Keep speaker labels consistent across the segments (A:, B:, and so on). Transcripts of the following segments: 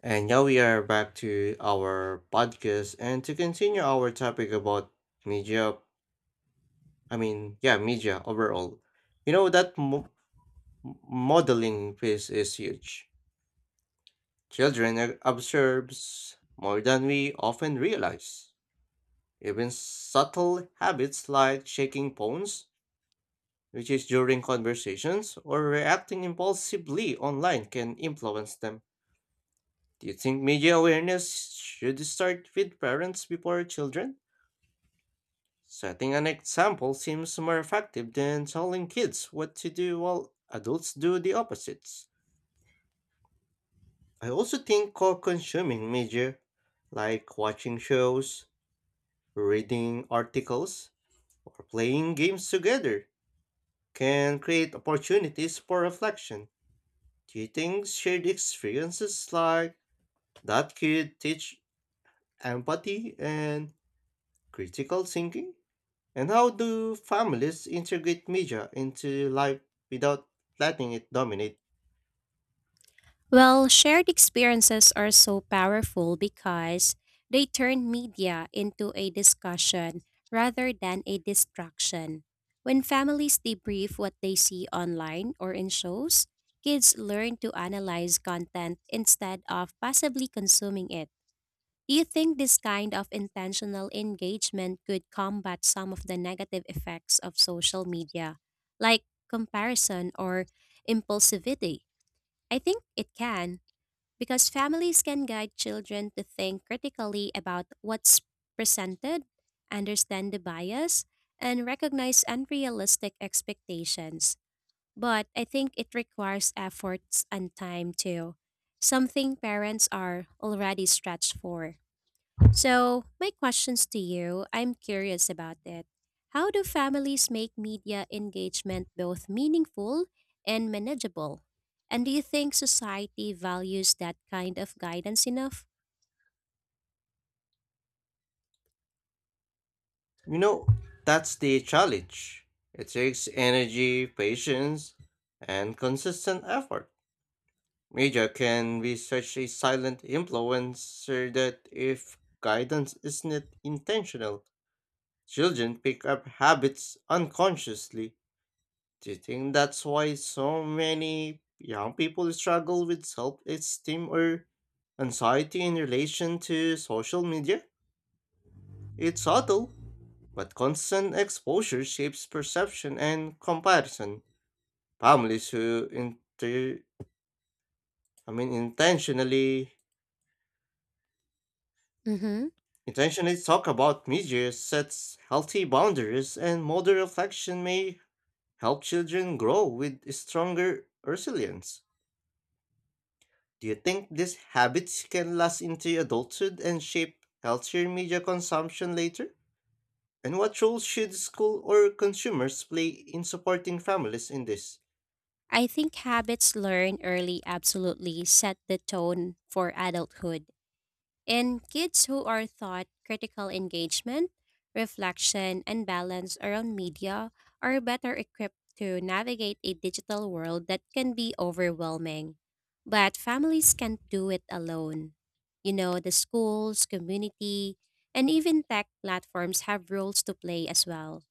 A: And now we are back to our podcast and to continue our topic about media. Media overall. You know that modeling piece is huge. Children observes more than we often realize. Even subtle habits like shaking phones, which is during conversations, or reacting impulsively online can influence them. Do you think media awareness should start with parents before children? Setting an example seems more effective than telling kids what to do while adults do the opposites. I also think co consuming media, like watching shows, reading articles, or playing games together, can create opportunities for reflection. Do you think shared experiences like that could teach empathy and critical thinking? And how do families integrate media into life without letting it dominate?
B: Well, shared experiences are so powerful because they turn media into a discussion rather than a distraction. When families debrief what they see online or in shows, kids learn to analyze content instead of passively consuming it. Do you think this kind of intentional engagement could combat some of the negative effects of social media, like comparison or impulsivity? I think it can because families can guide children to think critically about what's presented, understand the bias, and recognize unrealistic expectations. But I think it requires efforts and time too, something parents are already stretched for. So, my questions to you, I'm curious about it. How do families make media engagement both meaningful and manageable? And do you think society values that kind of guidance enough?
A: You know, that's the challenge. It takes energy, patience, and consistent effort. Media can be such a silent influencer that if guidance isn't intentional, children pick up habits unconsciously. Do you think that's why so many young people struggle with self esteem or anxiety in relation to social media? It's subtle, but constant exposure shapes perception and comparison. Families who intentionally
B: Hmm.
A: talk about media sets healthy boundaries and modern reflection may help children grow with stronger resilience. Do you think these habits can last into adulthood and shape healthier media consumption later? And what role should school or consumers play in supporting families in this?
B: I think habits learned early absolutely set the tone for adulthood. In kids who are taught critical engagement, reflection, and balance around media are better equipped to navigate a digital world that can be overwhelming. But families can't do it alone. You know, the schools, community, and even tech platforms have roles to play as well.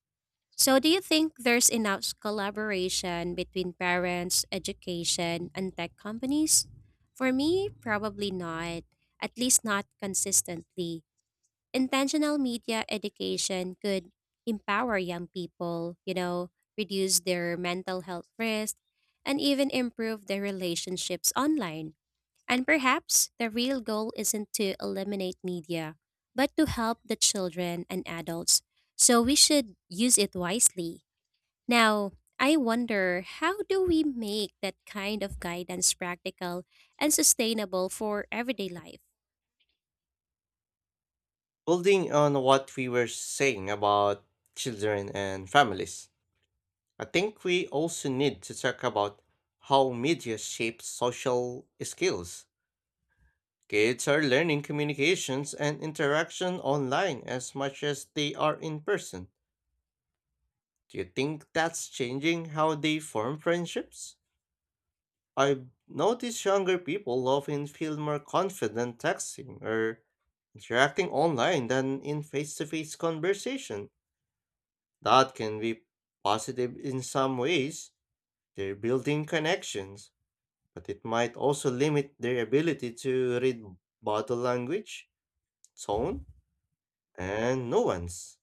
B: So, do you think there's enough collaboration between parents, education, and tech companies? For me, probably not, at least not consistently. Intentional media education could empower young people, you know, reduce their mental health risk, and even improve their relationships online. And perhaps the real goal isn't to eliminate media, but to help the children and adults. So, we should use it wisely. Now, I wonder how do we make that kind of guidance practical and sustainable for everyday life?
A: Building on what we were saying about children and families, I think we also need to talk about how media shapes social skills. Kids are learning communications and interaction online as much as they are in person. Do you think that's changing how they form friendships? I've noticed younger people often feel more confident texting or interacting online than in face to face conversation. That can be positive in some ways, they're building connections, but it might also limit their ability to read body language, tone, and nuance.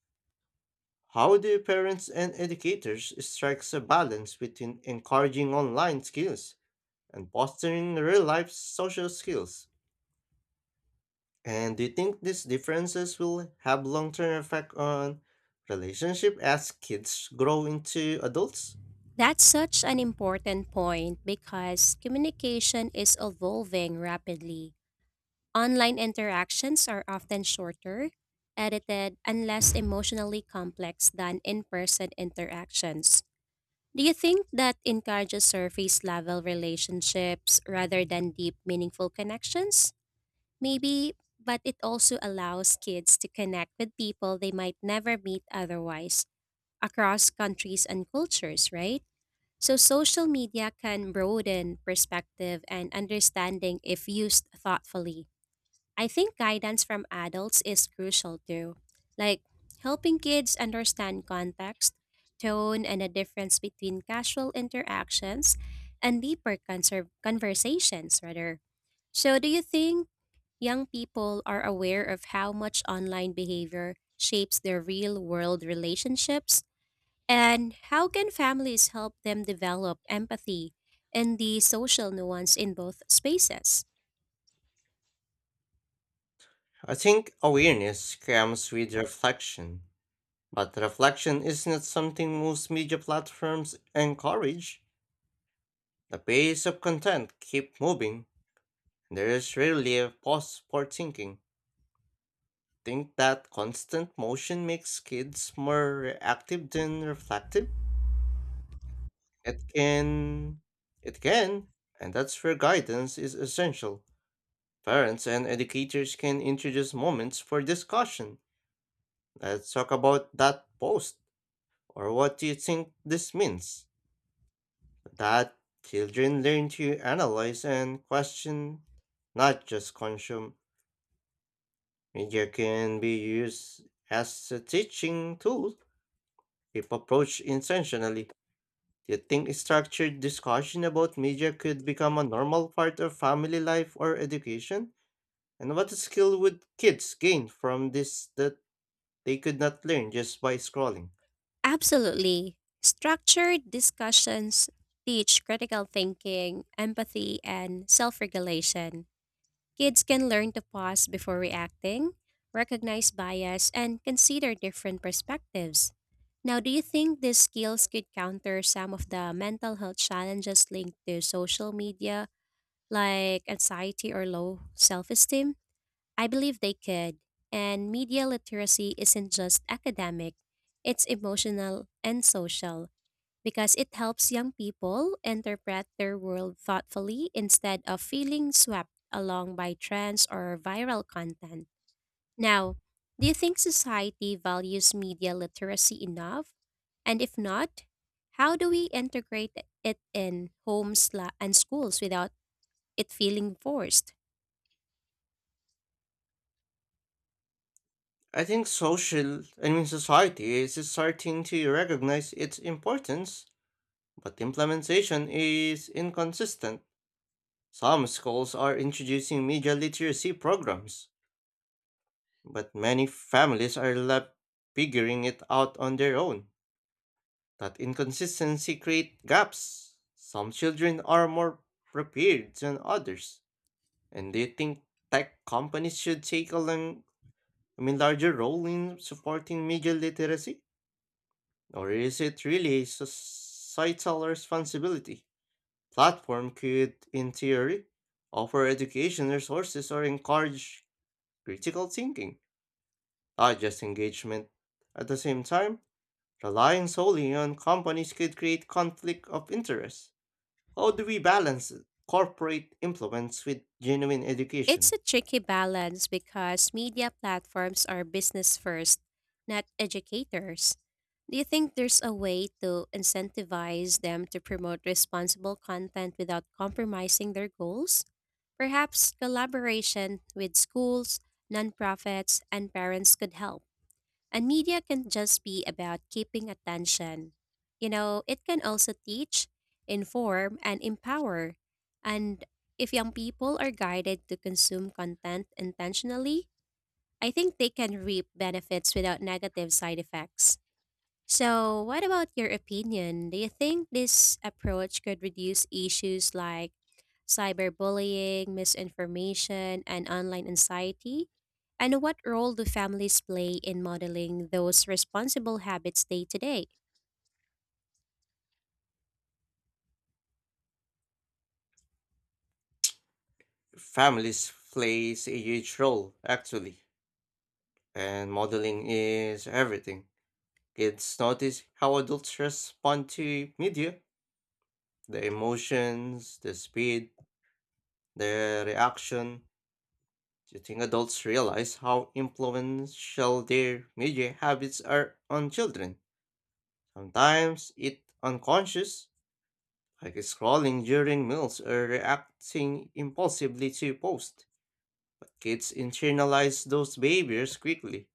A: How do parents and educators strike a balance between encouraging online skills and fostering real-life social skills? And do you think these differences will have long-term effect on relationship as kids grow into adults?
B: That's such an important point because communication is evolving rapidly. Online interactions are often shorter, edited, and less emotionally complex than in person interactions. Do you think that encourages surface level relationships rather than deep, meaningful connections? Maybe, but it also allows kids to connect with people they might never meet otherwise across countries and cultures, right? So, social media can broaden perspective and understanding if used thoughtfully. I think guidance from adults is crucial too, like helping kids understand context, tone, and the difference between casual interactions and deeper conversations, rather. So, do you think young people are aware of how much online behavior shapes their real world relationships, and how can families help them develop empathy and the social nuance in both spaces?
A: I think awareness comes with reflection, but reflection is not something most media platforms encourage. The pace of content keep moving, and there is rarely a pause for thinking. Think that constant motion makes kids more reactive than reflective? It can. It can. And that's where guidance is essential. Parents and educators can introduce moments for discussion. Let's talk about that post, or what do you think this means? That children learn to analyze and question, not just consume. Media can be used as a teaching tool if approached intentionally. Do you think a structured discussion about media could become a normal part of family life or education? And what skill would kids gain from this that they could not learn just by scrolling?
B: Absolutely. Structured discussions teach critical thinking, empathy, and self regulation. Kids can learn to pause before reacting, recognize bias, and consider different perspectives. Now, do you think these skills could counter some of the mental health challenges linked to social media, like anxiety or low self esteem? I believe they could. And media literacy isn't just academic, it's emotional and social because it helps young people interpret their world thoughtfully instead of feeling swept along by trends or viral content. Now, do you think society values media literacy enough? And if not, how do we integrate it in homes and schools without it feeling forced?
A: I think social, I mean Society is starting to recognize its importance, but implementation is inconsistent. Some schools are introducing media literacy programs, but many families are left figuring it out on their own. That inconsistency creates gaps. Some children are more prepared than others. And they think tech companies should take a long, I mean, larger role in supporting media literacy? Or is it really a societal responsibility? Platform could, in theory, offer education resources or encourage critical thinking, not just engagement. At the same time, relying solely on companies could create conflict of interest. How do we balance corporate influence with genuine
B: It's
A: education?
B: a tricky balance because media platforms are business first, not educators. Do you think there's a way to incentivize them to promote responsible content without compromising their goals? Perhaps collaboration with schools, nonprofits, and parents could help. And media can just be about keeping attention. You know, it can also teach, inform, and empower. And if young people are guided to consume content intentionally, I think they can reap benefits without negative side effects. So, what about your opinion? Do you think this approach could reduce issues like cyberbullying, misinformation, and online anxiety? And what role do families play in modeling those responsible habits day to day?
A: Families plays a huge role, actually, and modeling is everything. Kids notice how adults respond to media, the emotions, the speed, the reaction. Do you think adults realize how influential their media habits are on children? Sometimes it's unconscious, like scrolling during meals or reacting impulsively to posts. Kids internalize those behaviors quickly.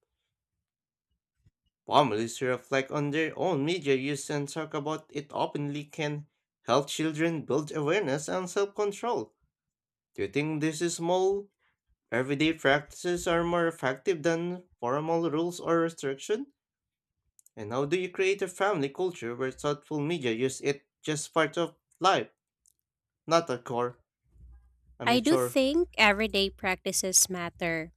A: Families who reflect on their own media use and talk about it openly can help children build awareness and self control. Do you think these small, everyday practices are more effective than formal rules or restriction? And how do you create a family culture where thoughtful media use it just part of life, not a core, I mean,
B: I do
A: chore?
B: think everyday practices matter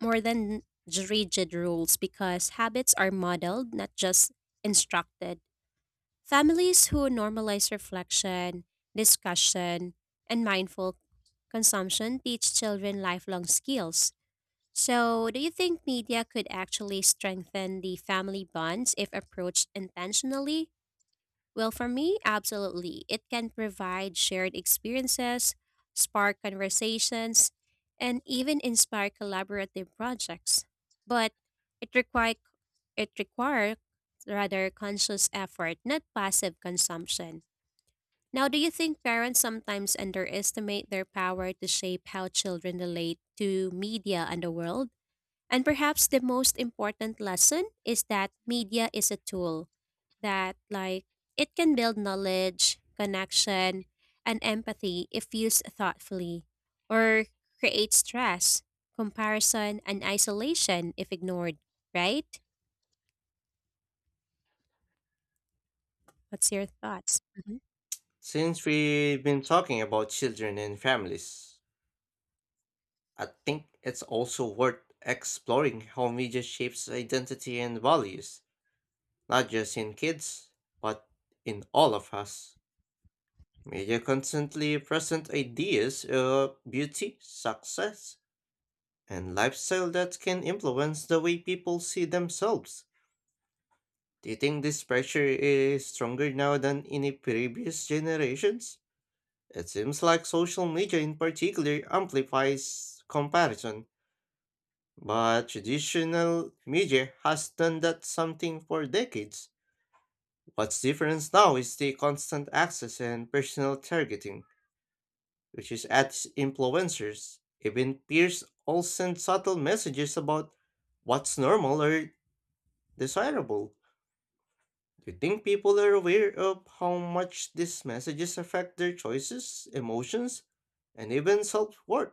B: more than rigid rules because habits are modeled, not just instructed. Families who normalize reflection, discussion, and mindful consumption teach children lifelong skills. So, do you think media could actually strengthen the family bonds if approached intentionally? Well, for me, absolutely. It can provide shared experiences, spark conversations, and even inspire collaborative projects. But it require it require rather conscious effort, not passive consumption. Now, do you think parents sometimes underestimate their power to shape how children relate to media and the world? And perhaps the most important lesson is that media is a tool that, like, it can build knowledge, connection, and empathy if used thoughtfully, or create stress, comparison, and isolation if ignored, right? What's your thoughts? Mhm.
A: Since we've been talking about children and families, I think it's also worth exploring how media shapes identity and values, not just in kids, but in all of us. Media constantly present ideas of beauty, success, and lifestyle that can influence the way people see themselves. Do you think this pressure is stronger now than in the previous generations? It seems like social media in particular amplifies comparison, but traditional media has done that something for decades. What's different now is the constant access and personal targeting, which is at influencers. Even peers all send subtle messages about what's normal or desirable. Do you think people are aware of how much these messages affect their choices, emotions, and even self worth?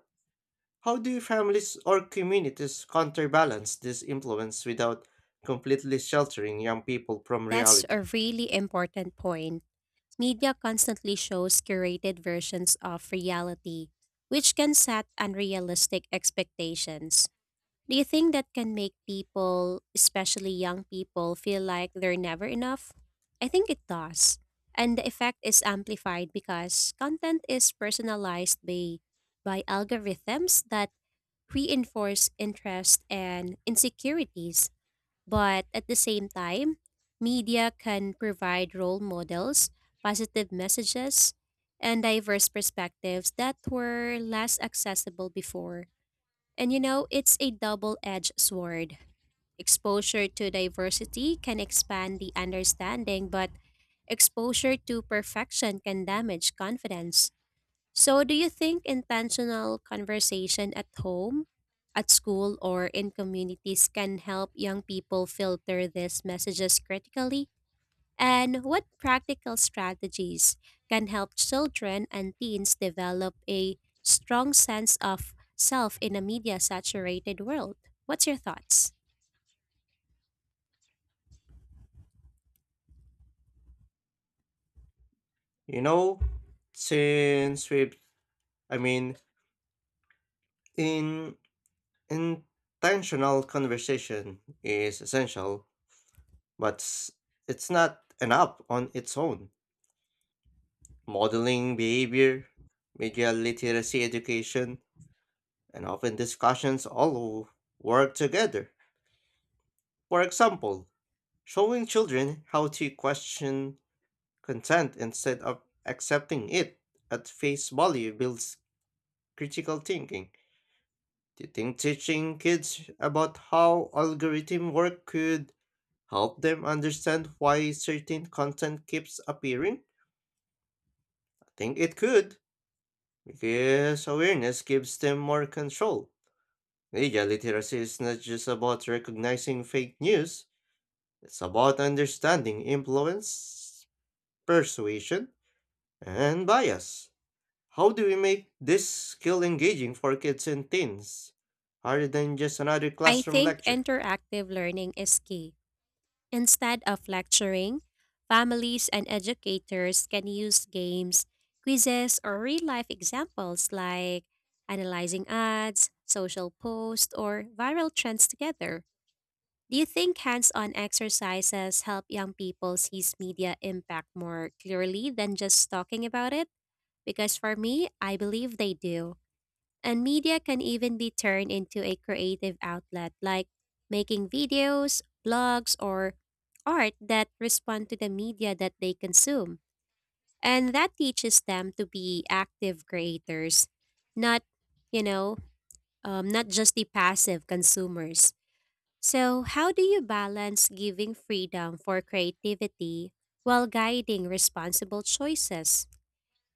A: How do families or communities counterbalance this influence without completely sheltering young people from
B: That's
A: reality?
B: a really important point. Media constantly shows curated versions of reality, which can set unrealistic expectations. Do you think that can make people, especially young people, feel like they're never enough? I think it does. And the effect is amplified because content is personalized by algorithms that reinforce interest and insecurities. But at the same time, media can provide role models, positive messages, and diverse perspectives that were less accessible before. And you know, it's a double edged sword. Exposure to diversity can expand the understanding, but exposure to perfection can damage confidence. So, do you think intentional conversation at home, at school, or in communities can help young people filter these messages critically? And what practical strategies can help children and teens develop a strong sense of self in a media saturated world? What's your thoughts?
A: You know, since we've, I mean, in Intentional conversation is essential, but it's not enough on its own. Modeling behavior, media literacy education, and often discussions all work together. For example, showing children how to question Consent instead of accepting it at face value builds critical thinking. Do you think teaching kids about how algorithm work could help them understand why certain content keeps appearing? I think it could, because awareness gives them more control. Media literacy is not just about recognizing fake news, it's about understanding influence, persuasion, and bias. How do we make this skill engaging for kids and teens rather than just another
B: I
A: classroom
B: think
A: lecture?
B: interactive learning is key. Instead of lecturing, families and educators can use games, quizzes, or real life examples like analyzing ads, social posts, or viral trends together. Do you think hands on exercises help young people see media impact more clearly than just talking about it? Because for me, I believe they do. And media can even be turned into a creative outlet, like making videos, blogs, or art that respond to the media that they consume. And that teaches them to be active creators, not, you know, not just the passive consumers. So, how do you balance giving freedom for creativity while guiding responsible choices?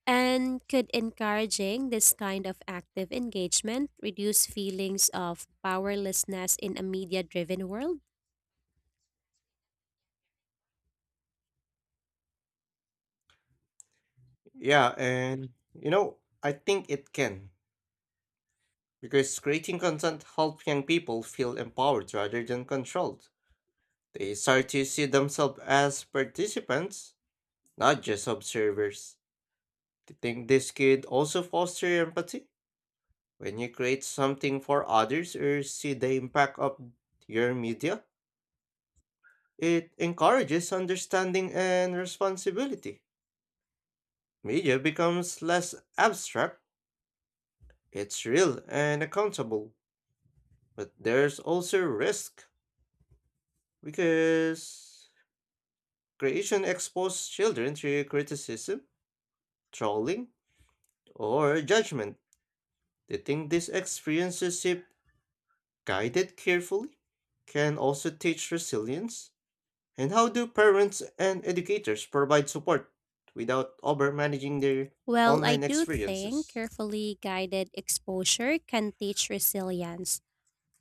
B: And could encouraging this kind of active engagement reduce feelings of powerlessness in a media driven world?
A: Yeah, and you know, I think it can because creating content helps young people feel empowered rather than controlled. They start to see themselves as participants, not just observers. Do you think this could also foster empathy when you create something for others or see the impact of your media? It encourages understanding and responsibility. Media becomes less abstract, it's real and accountable. But there's also risk because creation exposes children to criticism, trolling, or judgment. They think these experiences, if guided carefully, can also teach resilience. And how do parents and educators provide support without overmanaging their
B: Well, I
A: online
B: do think
A: experiences?
B: carefully guided exposure can teach resilience,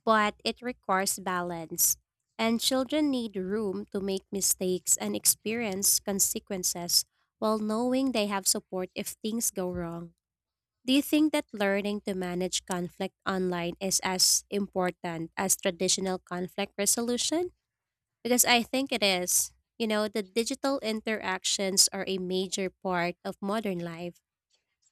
B: but it requires balance. And children need room to make mistakes and experience consequences while knowing they have support if things go wrong. Do you think that learning to manage conflict online is as important as traditional conflict resolution? Because I think it is. You know, the digital interactions are a major part of modern life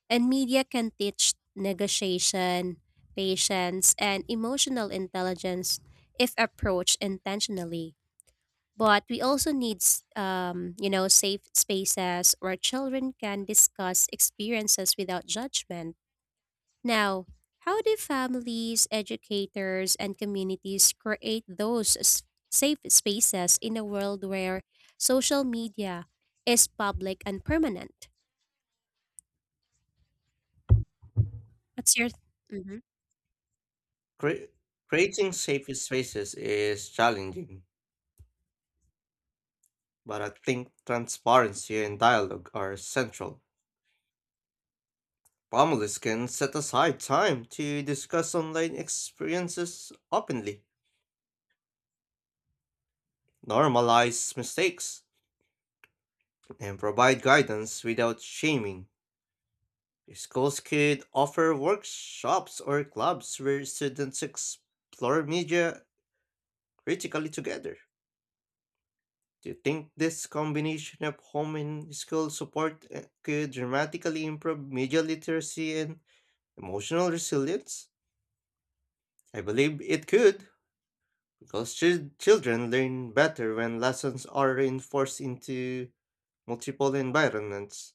B: and media can teach negotiation, patience, and emotional intelligence if approached intentionally. But we also need, you know, safe spaces where children can discuss experiences without judgment. Now, how do families, educators, and communities create those safe spaces in a world where social media is public and permanent? What's your? Mm-hmm.
A: Cre- Creating safe spaces is challenging, but I think transparency and dialogue are central. Families can set aside time to discuss online experiences openly, normalize mistakes, and provide guidance without shaming. Schools could offer workshops or clubs where students explore media critically together. Do you think this combination of home and school support could dramatically improve media literacy and emotional resilience? I believe it could, because children learn better when lessons are reinforced into multiple environments.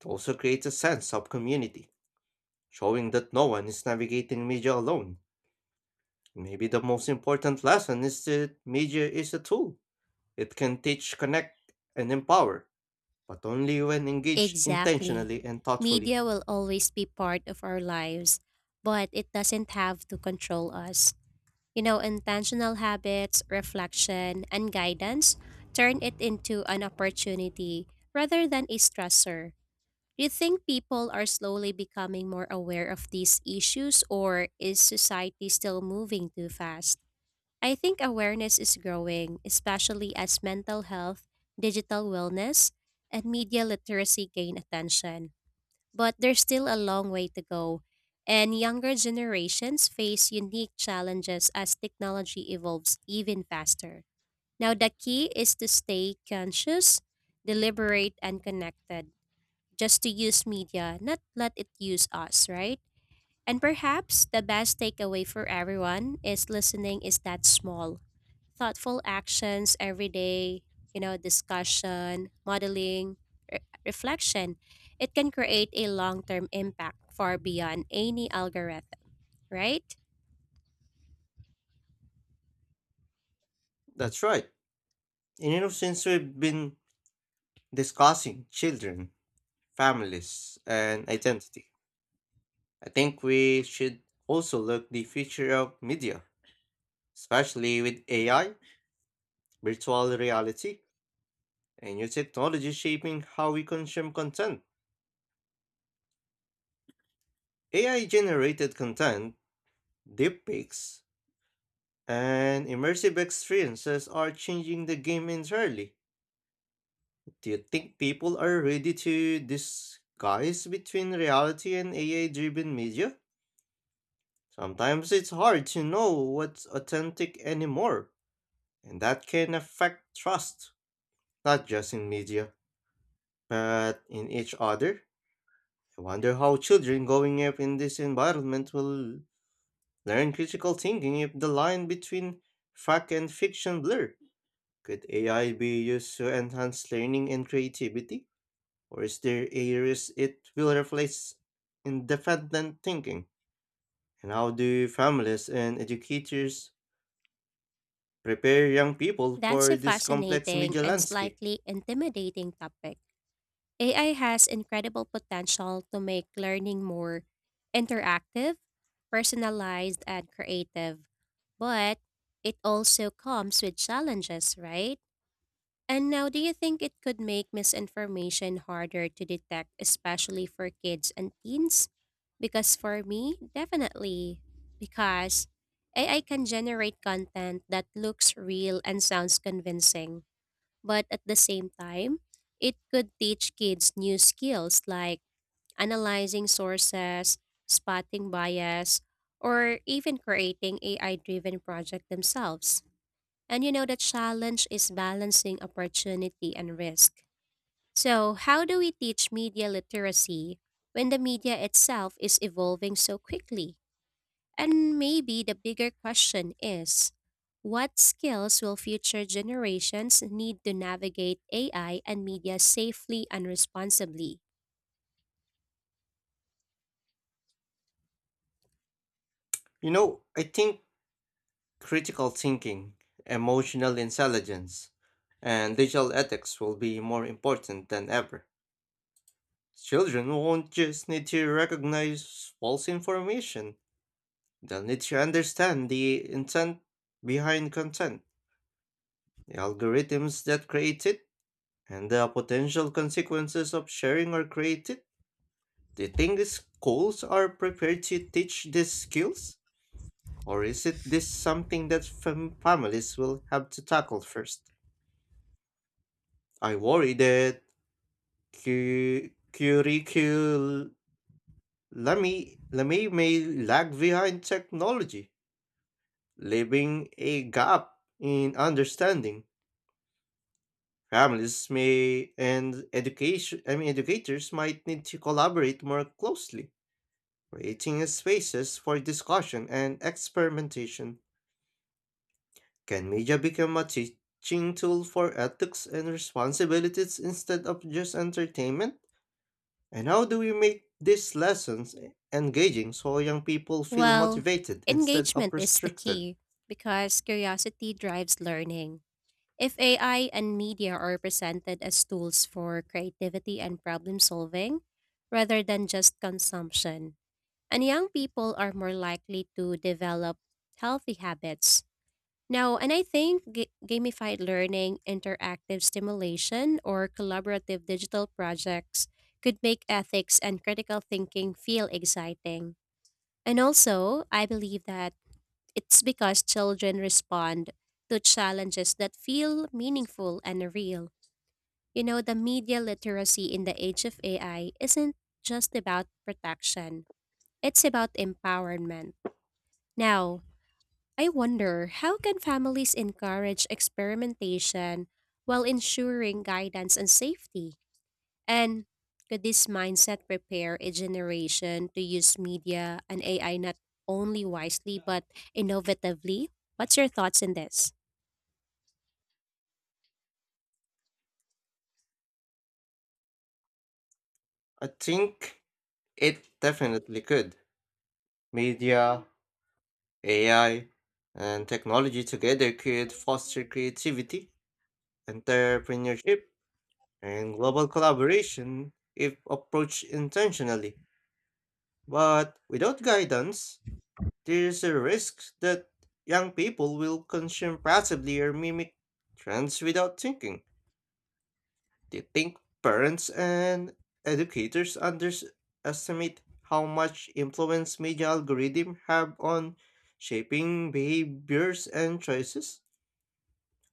A: It also creates a sense of community, showing that no one is navigating media alone. Maybe the most important lesson is that media is a tool. It can teach, connect, and empower but only when engaged
B: Exactly.
A: intentionally and thoughtfully.
B: Media will always be part of our lives, but it doesn't have to control us. You know, intentional habits, reflection, and guidance turn it into an opportunity rather than a stressor. Do you think people are slowly becoming more aware of these issues, or is society still moving too fast? I think awareness is growing, especially as mental health, digital wellness, and media literacy gain attention. But there's still a long way to go, and younger generations face unique challenges as technology evolves even faster. Now, the key is to stay conscious, deliberate, and connected, just to use media, not let it use us, right? And perhaps the best takeaway for everyone is listening is that small thoughtful actions every day, you know, discussion, modeling, re- reflection, it can create a long term impact far beyond any algorithm, right?
A: That's right. And you know, since we've been discussing children, families, and identity, I think we should also look the future of media, especially with AI, virtual reality, and new technology shaping how we consume content. AI generated content, deepfakes, and immersive experiences are changing the game entirely. Do you think people are ready to disguise between reality and AI driven media? Sometimes it's hard to know what's authentic anymore, and that can affect trust, not just in media, but in each other. I wonder how children growing up in this environment will learn critical thinking if the line between fact and fiction blur. Could AI be used to enhance learning and creativity? Or is there a risk it will replace independent thinking? And how do families and educators prepare young people
B: That's
A: for
B: a
A: this complex
B: fascinating
A: media
B: and
A: landscape?
B: slightly intimidating topic. AI has incredible potential to make learning more interactive, personalized, and creative, but it also comes with challenges, right? And now, do you think it could make misinformation harder to detect, especially for kids and teens? Because for me, definitely. Because AI can generate content that looks real and sounds convincing. But at the same time, it could teach kids new skills like analyzing sources, spotting bias, or even creating AI driven projects themselves. And you know, the challenge is balancing opportunity and risk. So, how do we teach media literacy when the media itself is evolving so quickly? And maybe the bigger question is what skills will future generations need to navigate AI and media safely and responsibly?
A: You know, I think critical thinking, emotional intelligence, and digital ethics will be more important than ever. Children won't just need to recognize false information, they'll need to understand the intent behind content, the algorithms that create it, and the potential consequences of sharing are created? Do you think these schools are prepared to teach these skills? Or is it this something that families will have to tackle first? I worry that curriculum may lag behind technology, leaving a gap in understanding. Families may and education I mean educators might need to collaborate more closely. Creating spaces for discussion and experimentation, can media become a teaching tool for ethics and responsibilities instead of just entertainment? And how do we make these lessons engaging so young people feel
B: Well,
A: motivated instead of
B: engagement is the
A: restricted?
B: key because curiosity drives learning. If AI and media are presented as tools for creativity and problem solving rather than just consumption, and young people are more likely to develop healthy habits. Now, and I think gamified learning, interactive stimulation, or collaborative digital projects could make ethics and critical thinking feel exciting. And also, I believe that it's because children respond to challenges that feel meaningful and real. You know, the media literacy in the age of AI isn't just about protection, it's about empowerment. Now, I wonder how can families encourage experimentation while ensuring guidance and safety? And could this mindset prepare a generation to use media and AI not only wisely but innovatively? What's your thoughts on this?
A: I think it definitely could. Media, AI, and technology together could foster creativity, entrepreneurship, and global collaboration if approached intentionally. But without guidance, there's a risk that young people will consume passively or mimic trends without thinking. Do you think parents and educators underestimate how much influence media algorithms have on shaping behaviors and choices?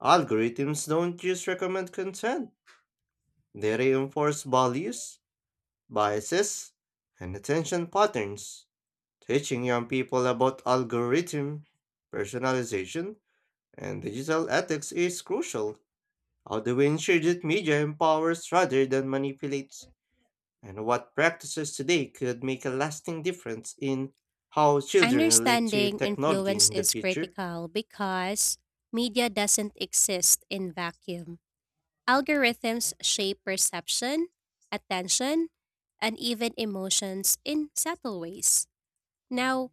A: Algorithms don't just recommend content, they reinforce values biases, and attention patterns, teaching young people about algorithm, personalization, and digital ethics is crucial. How do we ensure that media empowers rather than manipulates? And what practices today could make a lasting difference in how children relate to
B: Understanding
A: technology
B: influence
A: in the
B: is
A: future?
B: critical because media doesn't exist in vacuum. Algorithms shape perception, attention, and even emotions in subtle ways. Now,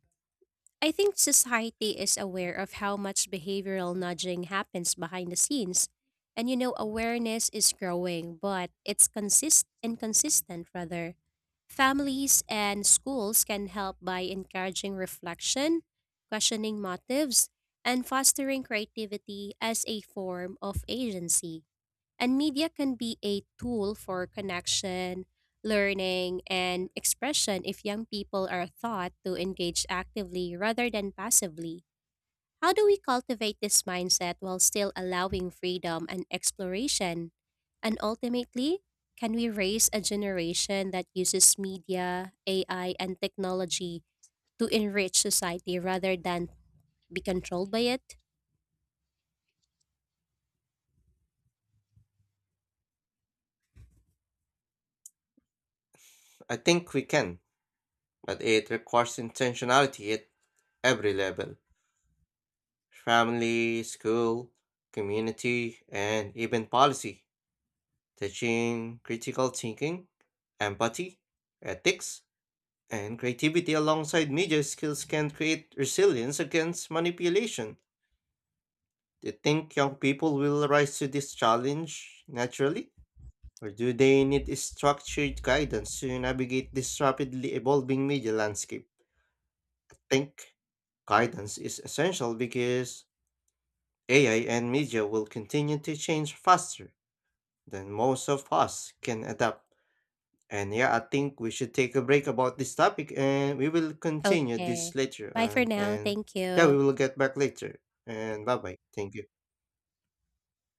B: I think society is aware of how much behavioral nudging happens behind the scenes. And you know, awareness is growing, but it's consist inconsistent rather. Families and schools can help by encouraging reflection, questioning motives, and fostering creativity as a form of agency. And media can be a tool for connection, learning, and expression if young people are taught to engage actively rather than passively. How do we cultivate this mindset while still allowing freedom and exploration? And ultimately, can we raise a generation that uses media, AI, and technology to enrich society rather than be controlled by it?
A: I think we can, but it requires intentionality at every level family, school, community, and even policy. Teaching critical thinking, empathy, ethics, and creativity alongside media skills can create resilience against manipulation. Do you think young people will rise to this challenge naturally? Or do they need structured guidance to navigate this rapidly evolving media landscape? I think guidance is essential because AI and media will continue to change faster than most of us can adapt. And yeah, I think we should take a break about this topic and we will continue this
B: Okay.
A: later
B: Bye for
A: on.
B: now.
A: And
B: Thank
A: yeah, we
B: you.
A: will get back later. And bye bye. Thank you.